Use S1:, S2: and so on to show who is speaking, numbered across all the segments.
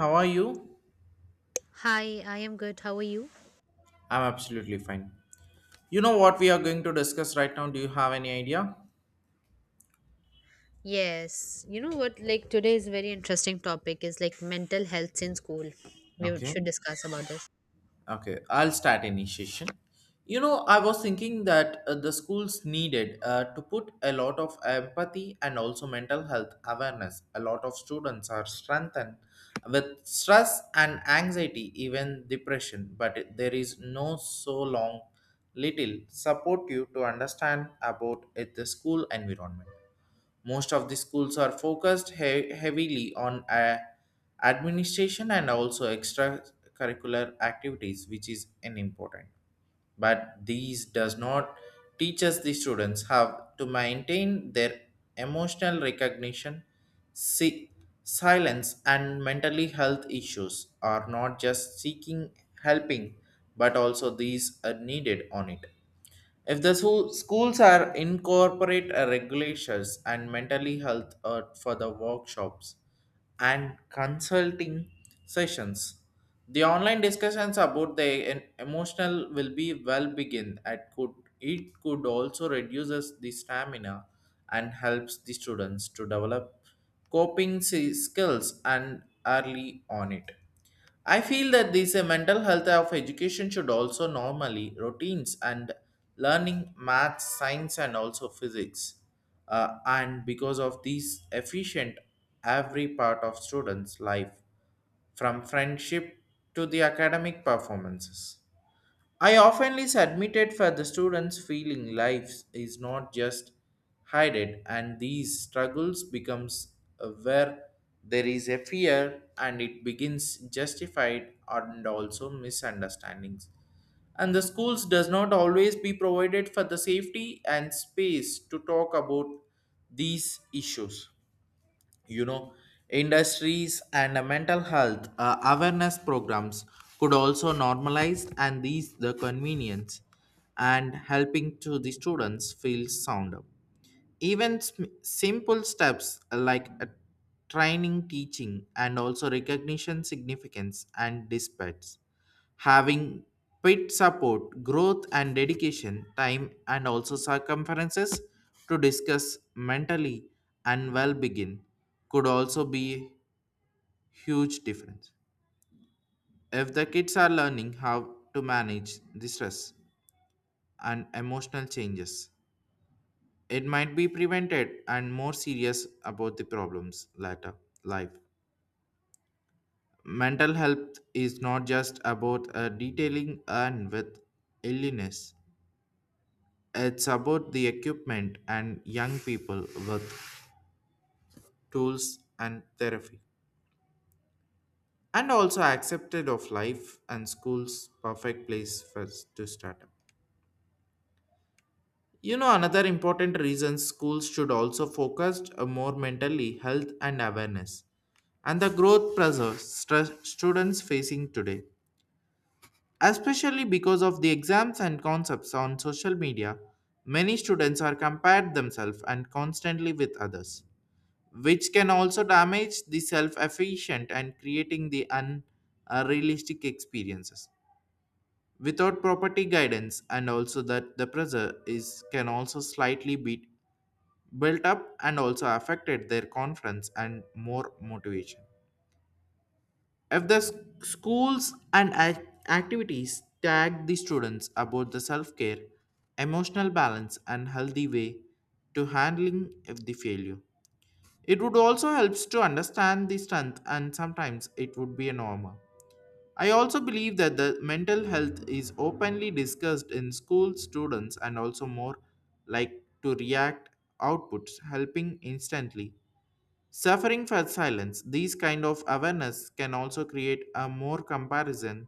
S1: How are you?
S2: Hi, I am good. How are you?
S1: I'm absolutely fine. You know what we are going to discuss right now? Do you have any idea?
S2: Yes. You know what? Like today's very interesting topic is like mental health in school. We
S1: Okay.
S2: should discuss about it.
S1: Okay, I'll start initiation. I was thinking that the schools needed to put a lot of empathy and also mental health awareness. A lot of students are strengthened with stress and anxiety, even depression, but there is no so long little support you to understand about it, the school environment. Most of the schools are focused heavily on administration and also extracurricular activities, which is an important. But these does not teaches the students how to maintain their emotional recognition, si- silence, and mentally health issues are not just seeking helping, but also these are needed on it. If the schools are incorporate regulations and mentally health for the workshops and consulting sessions, the online discussions about the emotional will be well begin. At could It could also reduces the stamina and helps the students to develop coping skills and early on it. I feel that this mental health of education should also normally routines and learning math, science, and also physics. And because of these efficient every part of students' life, from friendship to the academic performances. I often admitted for the students feeling life is not just hidden and these struggles becomes where there is a fear and it begins justified and also misunderstandings, and the schools does not always be provided for the safety and space to talk about these issues, you know industries and mental health awareness programs could also normalize and these the convenience and helping to the students feel sounder. Even simple steps like training teaching and also recognition significance and dispatch, having pit support, growth and dedication, time and also circumferences to discuss mentally and well begin could also be huge difference. If the kids are learning how to manage the stress and emotional changes, it might be prevented and more serious about the problems later life. Mental health is not just about detailing and with illness. It's about the equipment and young people with tools and therapy, and also accepted of life and school's perfect place for to start up. You know, another important reason schools should also focus more mentally health and awareness and the growth pressure stress students facing today. Especially because of the exams and concepts on social media, many students are compared themselves and constantly with others, which can also damage the self-efficient and creating the unrealistic experiences without property guidance. And also that the pressure is can also slightly be built up and also affected their confidence and more motivation. If the schools and activities tag the students about the self-care, emotional balance and healthy way to handling of the failure, it would also helps to understand the strength, and sometimes it would be a normal. I also believe that the mental health is openly discussed in school students, and also more like to react outputs helping instantly. Suffering for silence, these kind of awareness can also create a more comparison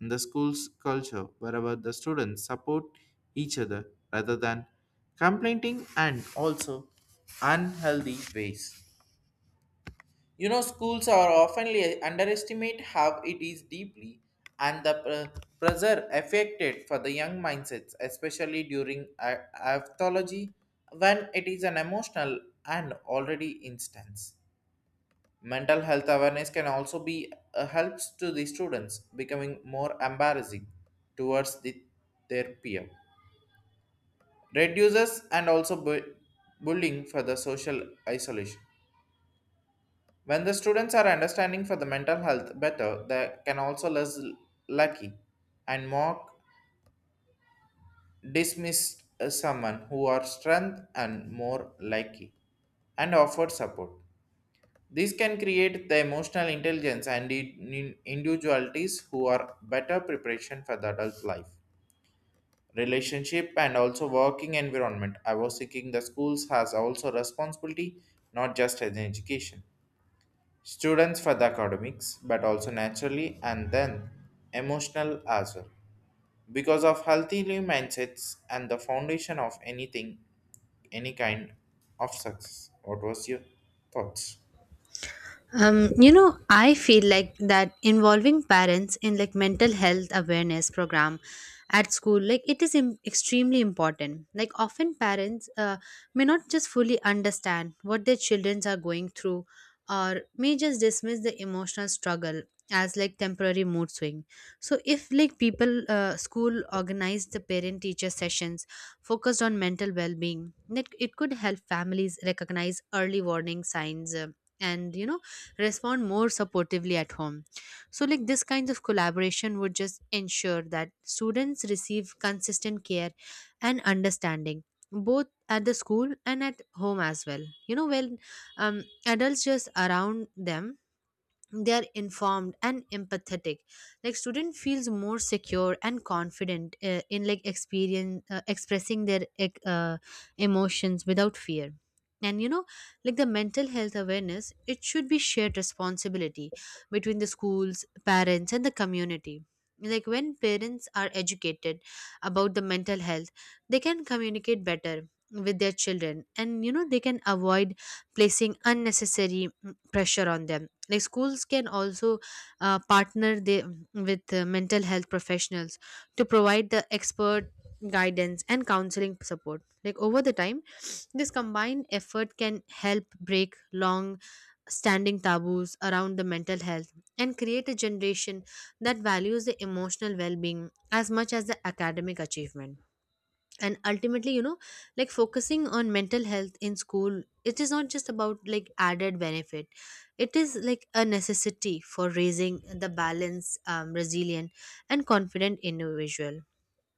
S1: in the school's culture wherever the students support each other rather than complaining and also unhealthy ways. You know, schools are often underestimate how it is deeply and the pressure affected for the young mindsets, especially during aphthology when it is an emotional and already instance. Mental health awareness can also be helps to the students becoming more embarrassing towards the, their peer, reduces and also bullying for the social isolation. When the students are understanding for the mental health better, they can also less lucky and more dismiss someone who are strength and more likely and offer support. These can create the emotional intelligence and individualities who are better preparation for the adult life, relationship and also working environment. I was thinking the schools has also responsibility, not just as an education. Students for the academics but also naturally and then emotional as well, because of healthy mindsets and the foundation of anything, any kind of success. What was your thoughts?
S2: I feel like that involving parents in like mental health awareness program at school, like it is extremely important. Like often parents may not just fully understand what their children are going through, or may just dismiss the emotional struggle as like temporary mood swing. So if like people school organize the parent teacher sessions focused on mental well being, that it could help families recognize early warning signs. And you know, respond more supportively at home. So, like this kind of collaboration would just ensure that students receive consistent care and understanding both at the school and at home as well, you know, when um, adults just around them, they are informed and empathetic, like student feels more secure and confident in like experience expressing their emotions without fear. And you know, like the mental health awareness, it should be shared responsibility between the schools, parents and the community. Like when parents are educated about the mental health, they can communicate better with their children, and you know, they can avoid placing unnecessary pressure on them. Like schools can also uh, partner they, with mental health professionals to provide the expert guidance and counseling support. Like over the time, this combined effort can help break long standing taboos around the mental health and create a generation that values the emotional well-being as much as the academic achievement. And ultimately, you know, like focusing on mental health in school, it is not just about like added benefit, it is like a necessity for raising the balanced, resilient and confident individual.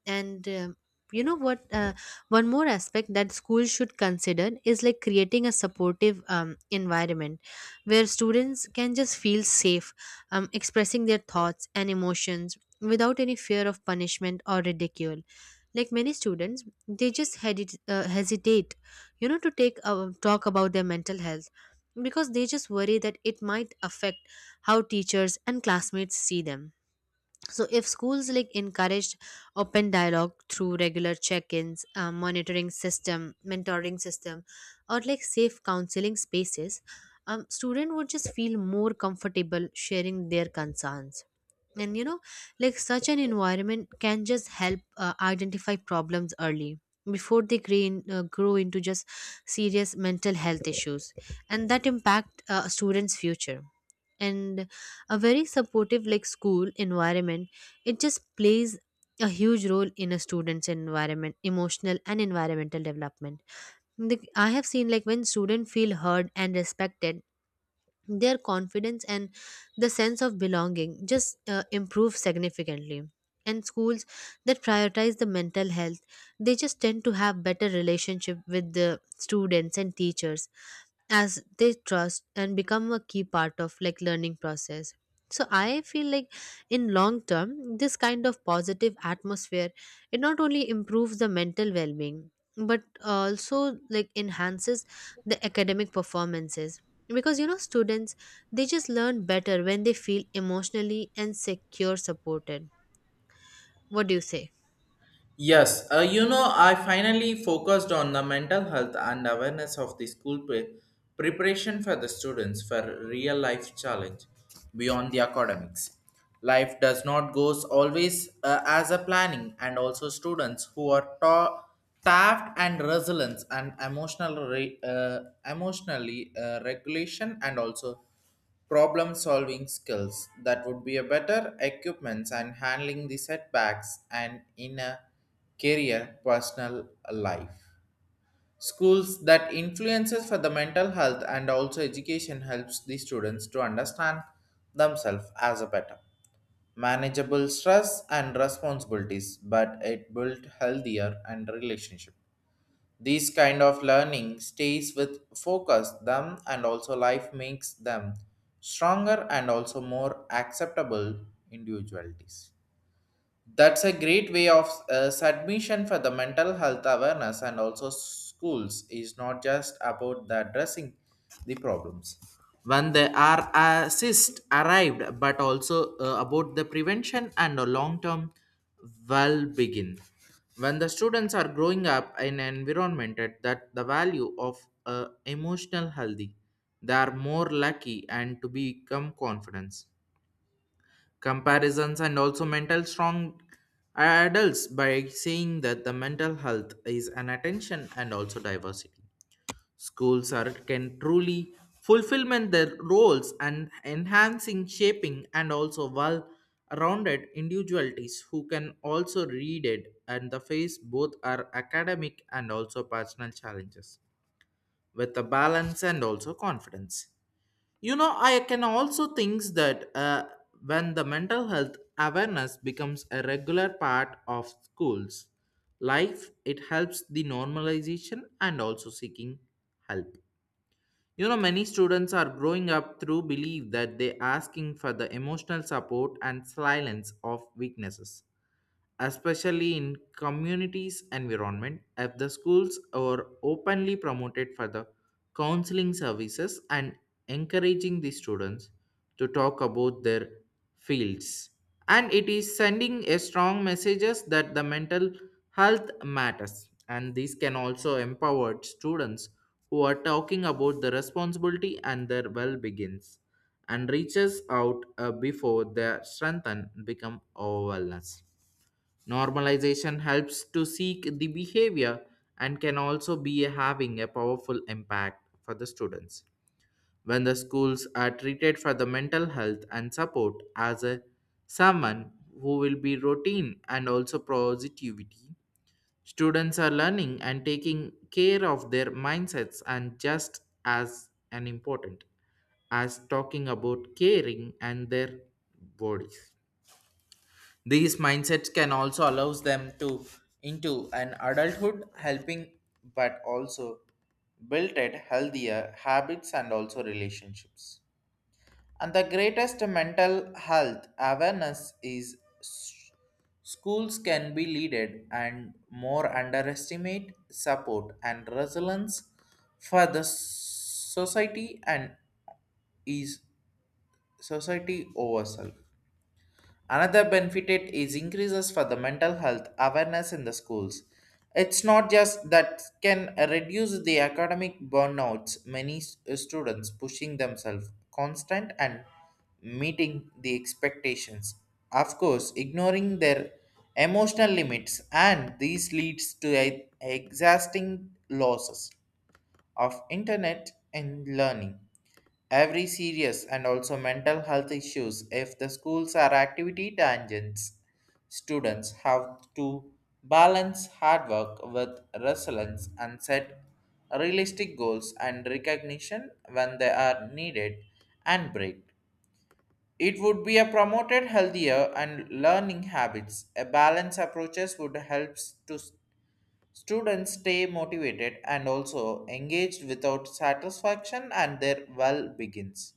S2: And you know what One more aspect that schools should consider is like creating a supportive environment where students can just feel safe expressing their thoughts and emotions without any fear of punishment or ridicule. Like many students, they just hesitate, you know, to take talk about their mental health, because they just worry that it might affect how teachers and classmates see them. So if schools like encouraged open dialogue through regular check-ins, monitoring system mentoring system, or like safe counseling spaces, student would just feel more comfortable sharing their concerns. And you know, like such an environment can just help identify problems early, before they grow into just serious mental health issues, and that impact a student's future. And a very supportive like school environment, it just plays a huge role in a student's environment emotional and environmental development. I have seen, like when students feel heard and respected, their confidence and the sense of belonging just improve significantly. And schools that prioritize the mental health, they just tend to have better relationship with the students and teachers, as they trust and become a key part of like learning process. So I feel like in long term, this kind of positive atmosphere, it not only improves the mental well-being, but also like enhances the academic performances, because you know, students, they just learn better when they feel emotionally and secure supported. What do you say?
S1: Yes, you know, I finally focused on the mental health and awareness of the school preparation for the students for real life challenge beyond the academics. Life does not goes always as a planning, and also students who are taft and resilience and emotional emotionally regulation and also problem solving skills, that would be a better equipments and handling the setbacks and in a career personal life. Schools that influences for the mental health and also education helps the students to understand themselves as a better manageable stress and responsibilities, but it built healthier and relationship. These kind of learning stays with focus them, and also life makes them stronger and also more acceptable individualities. That's a great way of submission for the mental health awareness, and also schools is not just about the addressing the problems when they are assist arrived, but also about the prevention and the long term well begin. When the students are growing up in an environment at that the value of emotional healthy, they are more lucky and to become confidence comparisons and also mental strong adults. By saying that the mental health is an attention and also diversity, schools are can truly fulfillment their roles and enhancing shaping and also well rounded individualities who can also read it and the face both are academic and also personal challenges with the balance and also confidence. You know, I can also think that when the mental health awareness becomes a regular part of schools life, it helps the normalization and also seeking help. You know, many students are growing up through belief that they asking for the emotional support and silence of weaknesses, especially in communities environment. If the schools are openly promoted for the counseling services and encouraging the students to talk about their fields, and it is sending a strong messages that the mental health matters, and these can also empower students who are talking about the responsibility and their well begins and reaches out before their strength and become overwhelmed. Normalization helps to seek the behavior and can also be having a powerful impact for the students. When the schools are treated for the mental health and support as a someone who will be routine and also positivity, students are learning and taking care of their mindsets and just as an important as talking about caring and their bodies. These mindsets can also allows them to into an adulthood helping, but also built at healthier habits and also relationships. And the greatest mental health awareness is schools can be leaded and more underestimate support and resilience for the society, and is society overself. Another benefit it is increases for the mental health awareness in the schools. It's not just that can reduce the academic burnouts. Many students pushing themselves constant and meeting the expectations. Of course, ignoring their emotional limits, and these leads to exhausting losses of internet and learning every serious and also mental health issues. If the schools are activity tangents, students have to balance hard work with resilience and set realistic goals and recognition when they are needed and break, it would be a promoted healthier and learning habits. A balanced approaches would help to students stay motivated and also engaged without satisfaction and their well begins.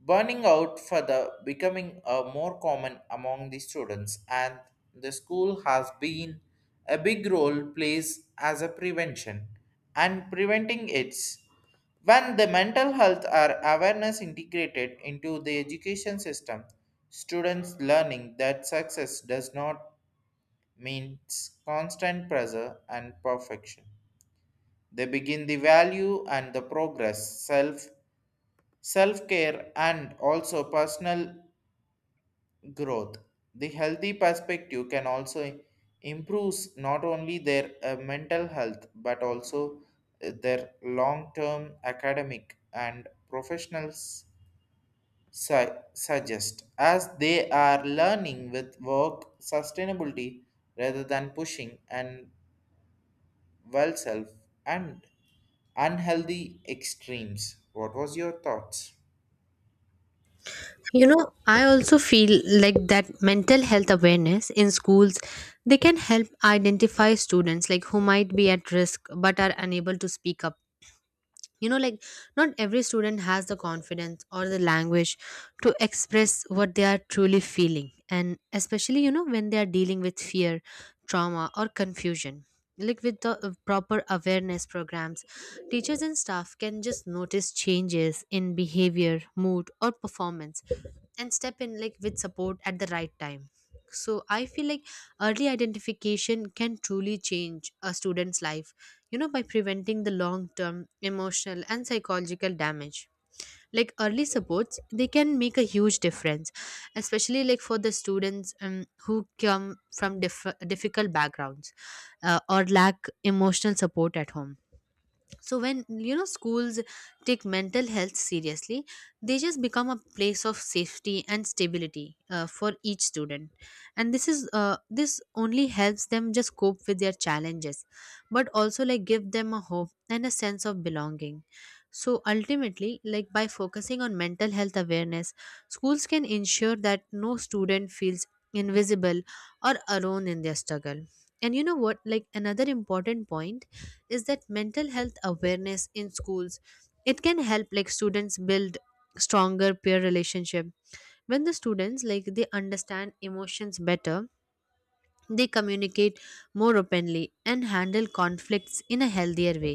S1: Burning out further becoming a more common among the students, and the school has been a big role plays as a prevention and preventing its. When the mental health or awareness integrated into the education system, students learning that success does not mean constant pressure and perfection. They begin the value and the progress, self-care and also personal growth. The healthy perspective can also improves not only their mental health but also their long-term academic and professionals suggest, as they are learning with work sustainability rather than pushing and well self and unhealthy extremes. What was your thoughts?
S2: You know, I also feel like that mental health awareness in schools, they can help identify students like who might be at risk but are unable to speak up. You know, like not every student has the confidence or the language to express what they are truly feeling, and especially, you know, when they are dealing with fear, trauma or confusion. Like with the proper awareness programs, teachers and staff can just notice changes in behavior, mood or performance, and step in like with support at the right time. So I feel like early identification can truly change a student's life, you know, by preventing the long term emotional and psychological damage. Like early supports, they can make a huge difference, especially like for the students who come from difficult backgrounds, or lack emotional support at home. So when you know, schools take mental health seriously, they just become a place of safety and stability for each student. And this is this only helps them just cope with their challenges, but also like give them a hope and a sense of belonging. So ultimately, like by focusing on mental health awareness, schools can ensure that no student feels invisible or alone in their struggle. And you know what, like another important point is that mental health awareness in schools, it can help like students build stronger peer relationship. When the students, like they understand emotions better, they communicate more openly and handle conflicts in a healthier way.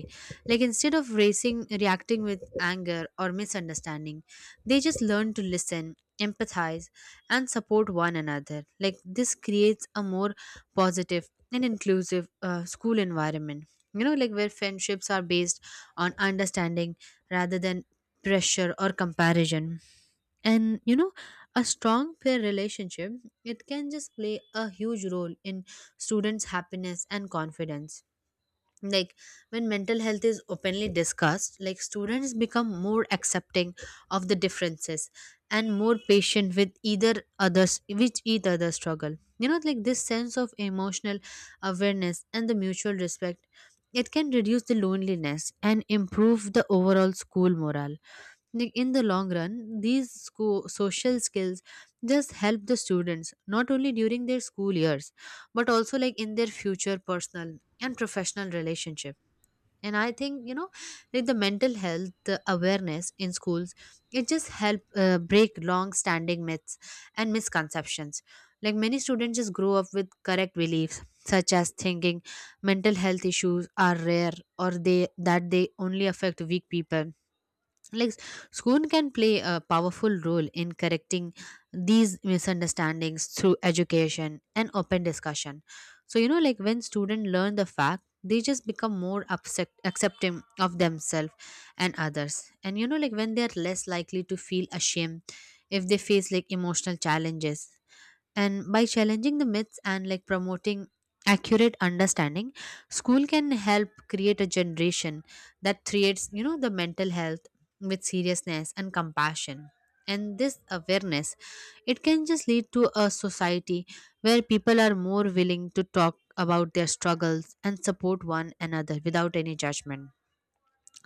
S2: Like instead of racing reacting with anger or misunderstanding, they just learn to listen, empathize, and support one another. Like this creates a more positive and inclusive school environment, you know, like where friendships are based on understanding rather than pressure or comparison. And you know, a strong peer relationship, it can just play a huge role in students happiness and confidence. Like when mental health is openly discussed, like students become more accepting of the differences, and more patient with either others with each other struggle. You know, like this sense of emotional awareness and the mutual respect, it can reduce the loneliness and improve the overall school morale. Like in the long run, these school social skills just help the students not only during their school years, but also like in their future personal and professional relationship. And I think, you know, like the mental health awareness in schools, it just help break long standing myths and misconceptions. Like many students just grow up with correct beliefs, such as thinking mental health issues are rare, or they that they only affect weak people. Like school can play a powerful role in correcting these misunderstandings through education and open discussion. So you know, like when students learn the fact, they just become more accepting of themselves and others. And you know, like when they are less likely to feel ashamed if they face like emotional challenges. And by challenging the myths and like promoting accurate understanding, school can help create a generation that creates, you know, the mental health with seriousness and compassion. And this awareness, it can just lead to a society where people are more willing to talk about their struggles and support one another without any judgment.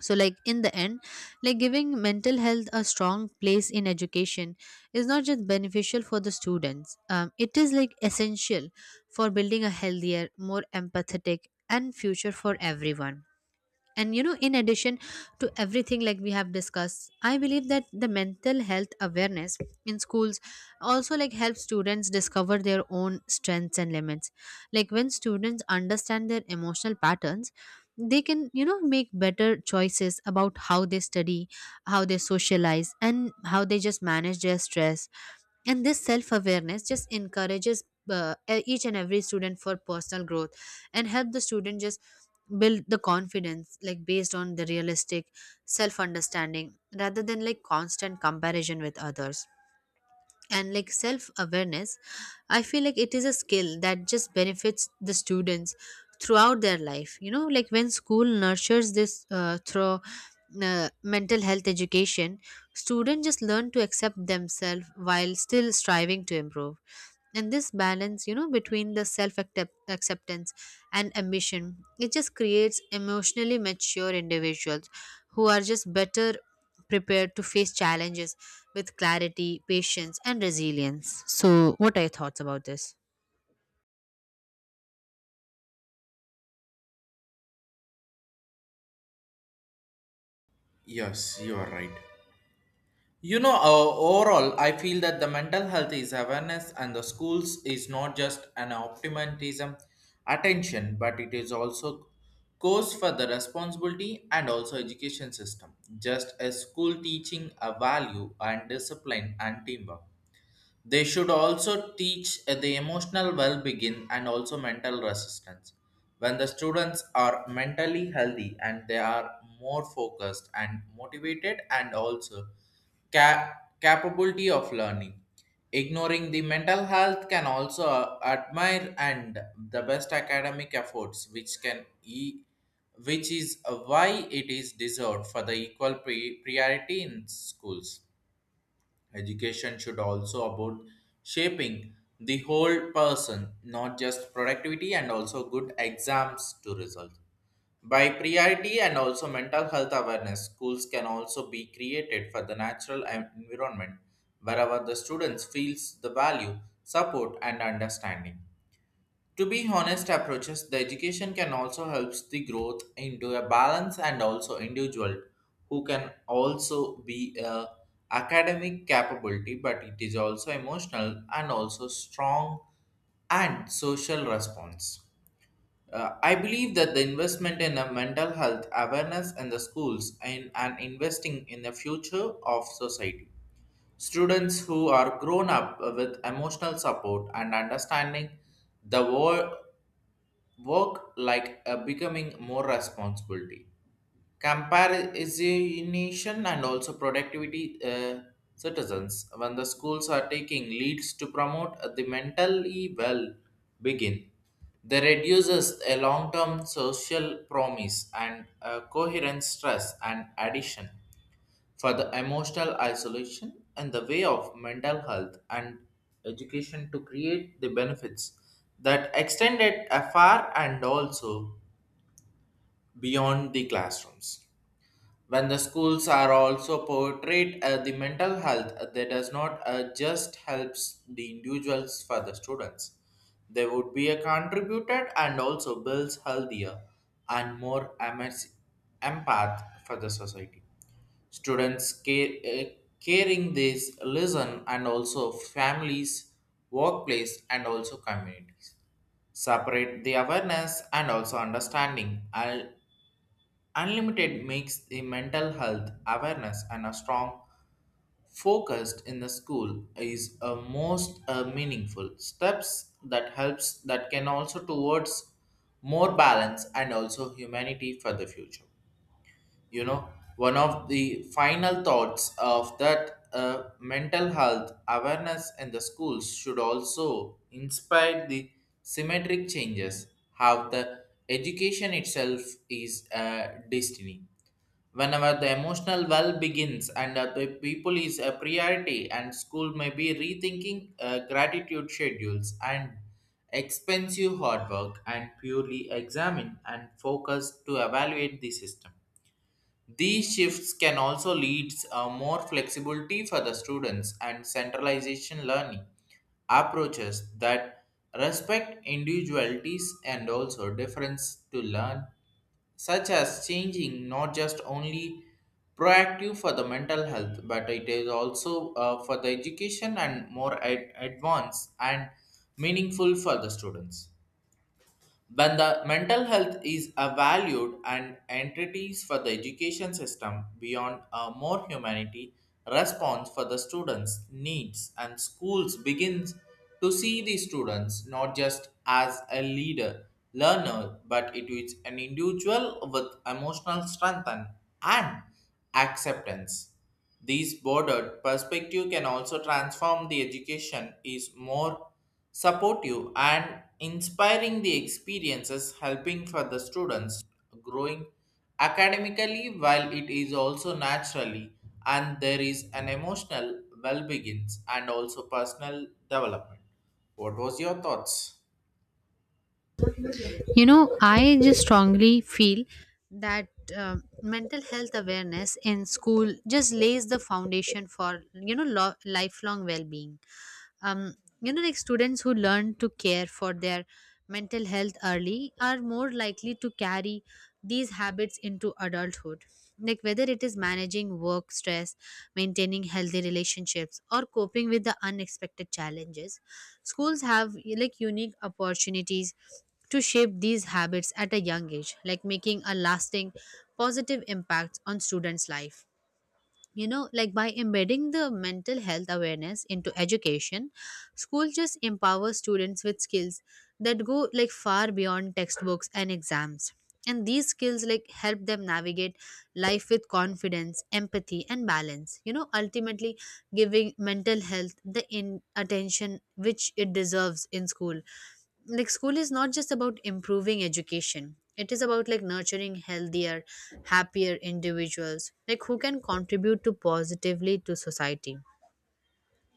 S2: So like in the end, like giving mental health a strong place in education is not just beneficial for the students, it is like essential for building a healthier, more empathetic and future for everyone. And you know, in addition to everything like we have discussed, I believe that the mental health awareness in schools also like helps students discover their own strengths and limits. Like when students understand their emotional patterns, they can, you know, make better choices about how they study, how they socialize, and how they just manage their stress. And this self awareness just encourages each and every student for personal growth, and help the student just build the confidence like based on the realistic self understanding, rather than like constant comparison with others. And like self awareness, I feel like it is a skill that just benefits the students throughout their life. You know, like when school nurtures this through mental health education, students just learn to accept themselves while still striving to improve. And this balance, you know, between the self acceptance and ambition, it just creates emotionally mature individuals who are just better prepared to face challenges with clarity, patience, and resilience. So, what are your thoughts about this?
S1: Yes, you are right. You know, overall, I feel that the mental health is awareness, and the schools is not just an optimism attention, but it is also cause for the responsibility and also education system. Just as school teaching a value and discipline and teamwork, they should also teach the emotional well-being and also mental resistance. When the students are mentally healthy, and they are more focused and motivated and also ca- capability of learning. Ignoring the mental health can also admire and the best academic efforts, which which is why it is deserved for the equal priority in schools. Education should also about shaping the whole person, not just productivity and also good exams to result. By priority and also mental health awareness, schools can also be created for the natural environment wherever the students feels the value, support and understanding. To be honest approaches, the education can also helps the growth into a balance and also individual who can also be a academic capability, but it is also emotional and also strong and social response. I believe that the investment in a mental health awareness in the schools and investing in the future of society. Students who are grown up with emotional support and understanding the world work like a becoming more responsibility comparison and also productivity citizens when the schools are taking leads to promote the mentally well begin, they reduces a long-term social promise and coherent stress and addition for the emotional isolation and the way of mental health and education to create the benefits that extended afar and also beyond the classrooms. When the schools are also portrayed the mental health that does not just helps the individuals for the students. They would be a contributed and also builds healthier and more empath for the society. Students care, caring this lesson and also families, workplace, and also communities. Separate the awareness and also understanding. Unlimited makes the mental health awareness and a strong focused in the school is a most meaningful steps that helps that can also towards more balance and also humanity for the future, you know. One of the final thoughts of that mental health awareness in the schools should also inspire the symmetric changes how the education itself is a destiny whenever the emotional well begins and the people is a priority and school may be rethinking gratitude schedules and expensive hard work and purely examine and focus to evaluate the system. These shifts can also lead more flexibility for the students and centralization learning approaches that respect individualities and also difference to learn, such as changing not just only proactive for the mental health, but it is also for the education and more advanced and meaningful for the students. When the mental health is a valued and entities for the education system beyond a more humanity response for the students' needs and schools begins to see the students not just as a leader, learner, but it is an individual with emotional strength and acceptance. These bordered perspective can also transform the education is more supportive and inspiring the experiences helping for the students growing academically while it is also naturally and there is an emotional well begins and also personal development. What was your thoughts?
S2: You know, I just strongly feel that mental health awareness in school just lays the foundation for you know lifelong well-being. um, you know, like students who learn to care for their mental health early are more likely to carry these habits into adulthood. Like whether it is managing work stress, maintaining healthy relationships, or coping with the unexpected challenges, schools have like unique opportunities to shape these habits at a young age, like making a lasting positive impact on students life. You know, like by embedding the mental health awareness into education, school just empowers students with skills that go like far beyond textbooks and exams. And these skills like help them navigate life with confidence, empathy and balance. You know, ultimately giving mental health the in attention which it deserves in school, like school is not just about improving education, it is about like nurturing healthier, happier individuals, like who can contribute to positively to society.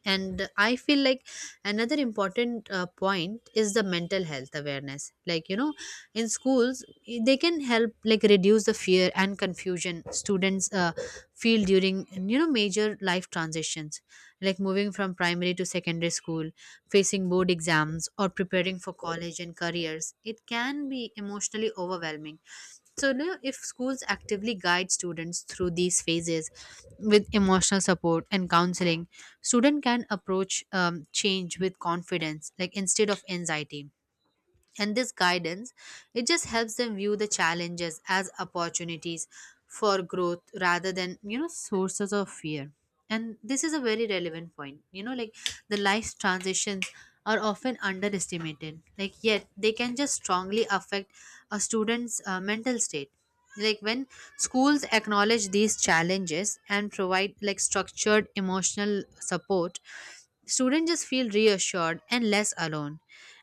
S2: And I feel like another important point is the mental health awareness, like you know, in schools, they can help like reduce the fear and confusion students feel during, you know, major life transitions. Like moving from primary to secondary school, facing board exams, or preparing for college and careers, it can be emotionally overwhelming. So now if schools actively guide students through these phases with emotional support and counseling, student can approach change with confidence, like instead of anxiety. And this guidance, it just helps them view the challenges as opportunities for growth rather than, you know, sources of fear. And this is a very relevant point, you know, like the life's transitions are often underestimated, like yet they can just strongly affect a student's mental state. Like when schools acknowledge these challenges and provide like structured emotional support, students just feel reassured and less alone.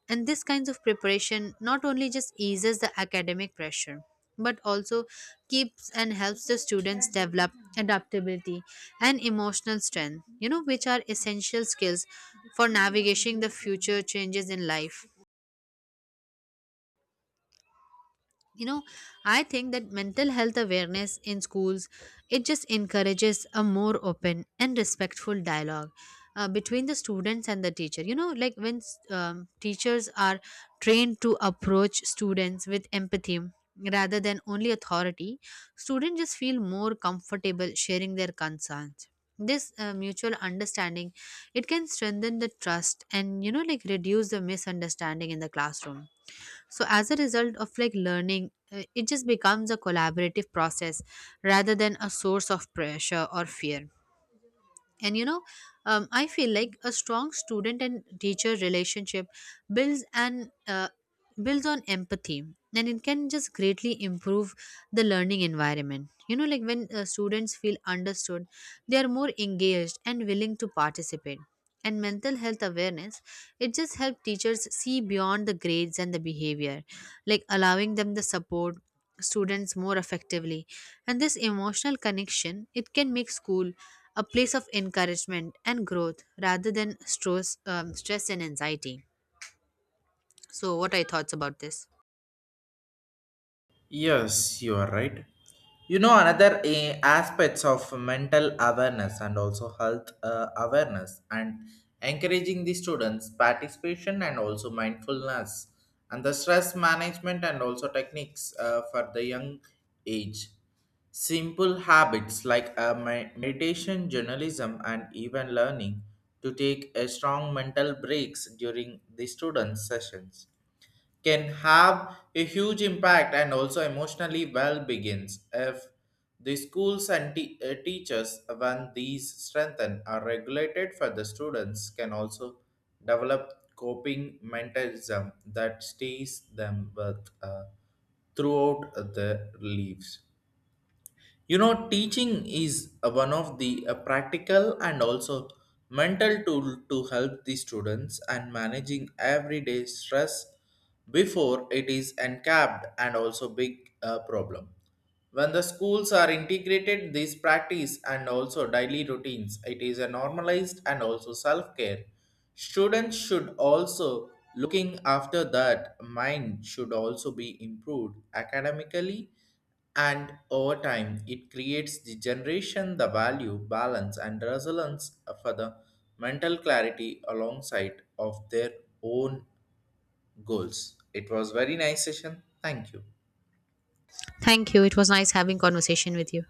S2: And this kinds of preparation not only just eases the academic pressure, but also keeps and helps the students develop adaptability and emotional strength, you know, which are essential skills for navigating the future changes in life. You know, I think that mental health awareness in schools, it just encourages a more open and respectful dialogue between the students and the teacher. You know, like when teachers are trained to approach students with empathy rather than only authority, students just feel more comfortable sharing their concerns. This mutual understanding, it can strengthen the trust, and you know, like reduce the misunderstanding in the classroom. So as a result of like learning, it just becomes a collaborative process rather than a source of pressure or fear. And you know, I feel like a strong student and teacher relationship builds an uh, builds on empathy, and it can just greatly improve the learning environment. You know, like when students feel understood, they are more engaged and willing to participate. And mental health awareness, it just helps teachers see beyond the grades and the behavior, like allowing them to support students more effectively. And this emotional connection, it can make school a place of encouragement and growth rather than stress and anxiety. So, what are your thoughts about this?
S1: Yes, you are right. You know, another aspects of mental awareness and also health awareness and encouraging the students' participation and also mindfulness and the stress management and also techniques for the young age. Simple habits like meditation, journalism, and even learning to take a strong mental breaks during the students' sessions can have a huge impact and also emotionally well begins if the schools and teachers when these strengthen are regulated for the students can also develop coping mechanism that stays them with throughout their lives, you know. Teaching is one of the practical and also mental tool to help the students and managing everyday stress before it is encapped and also big problem. When the schools are integrated, this practice and also daily routines, it is a normalized and also self care. Students should also looking after that mind should also be improved academically, and over time it creates the generation the value balance and resilience for the mental clarity alongside of their own goals. It was very nice session. Thank you.
S2: Thank you. It was nice having conversation with you.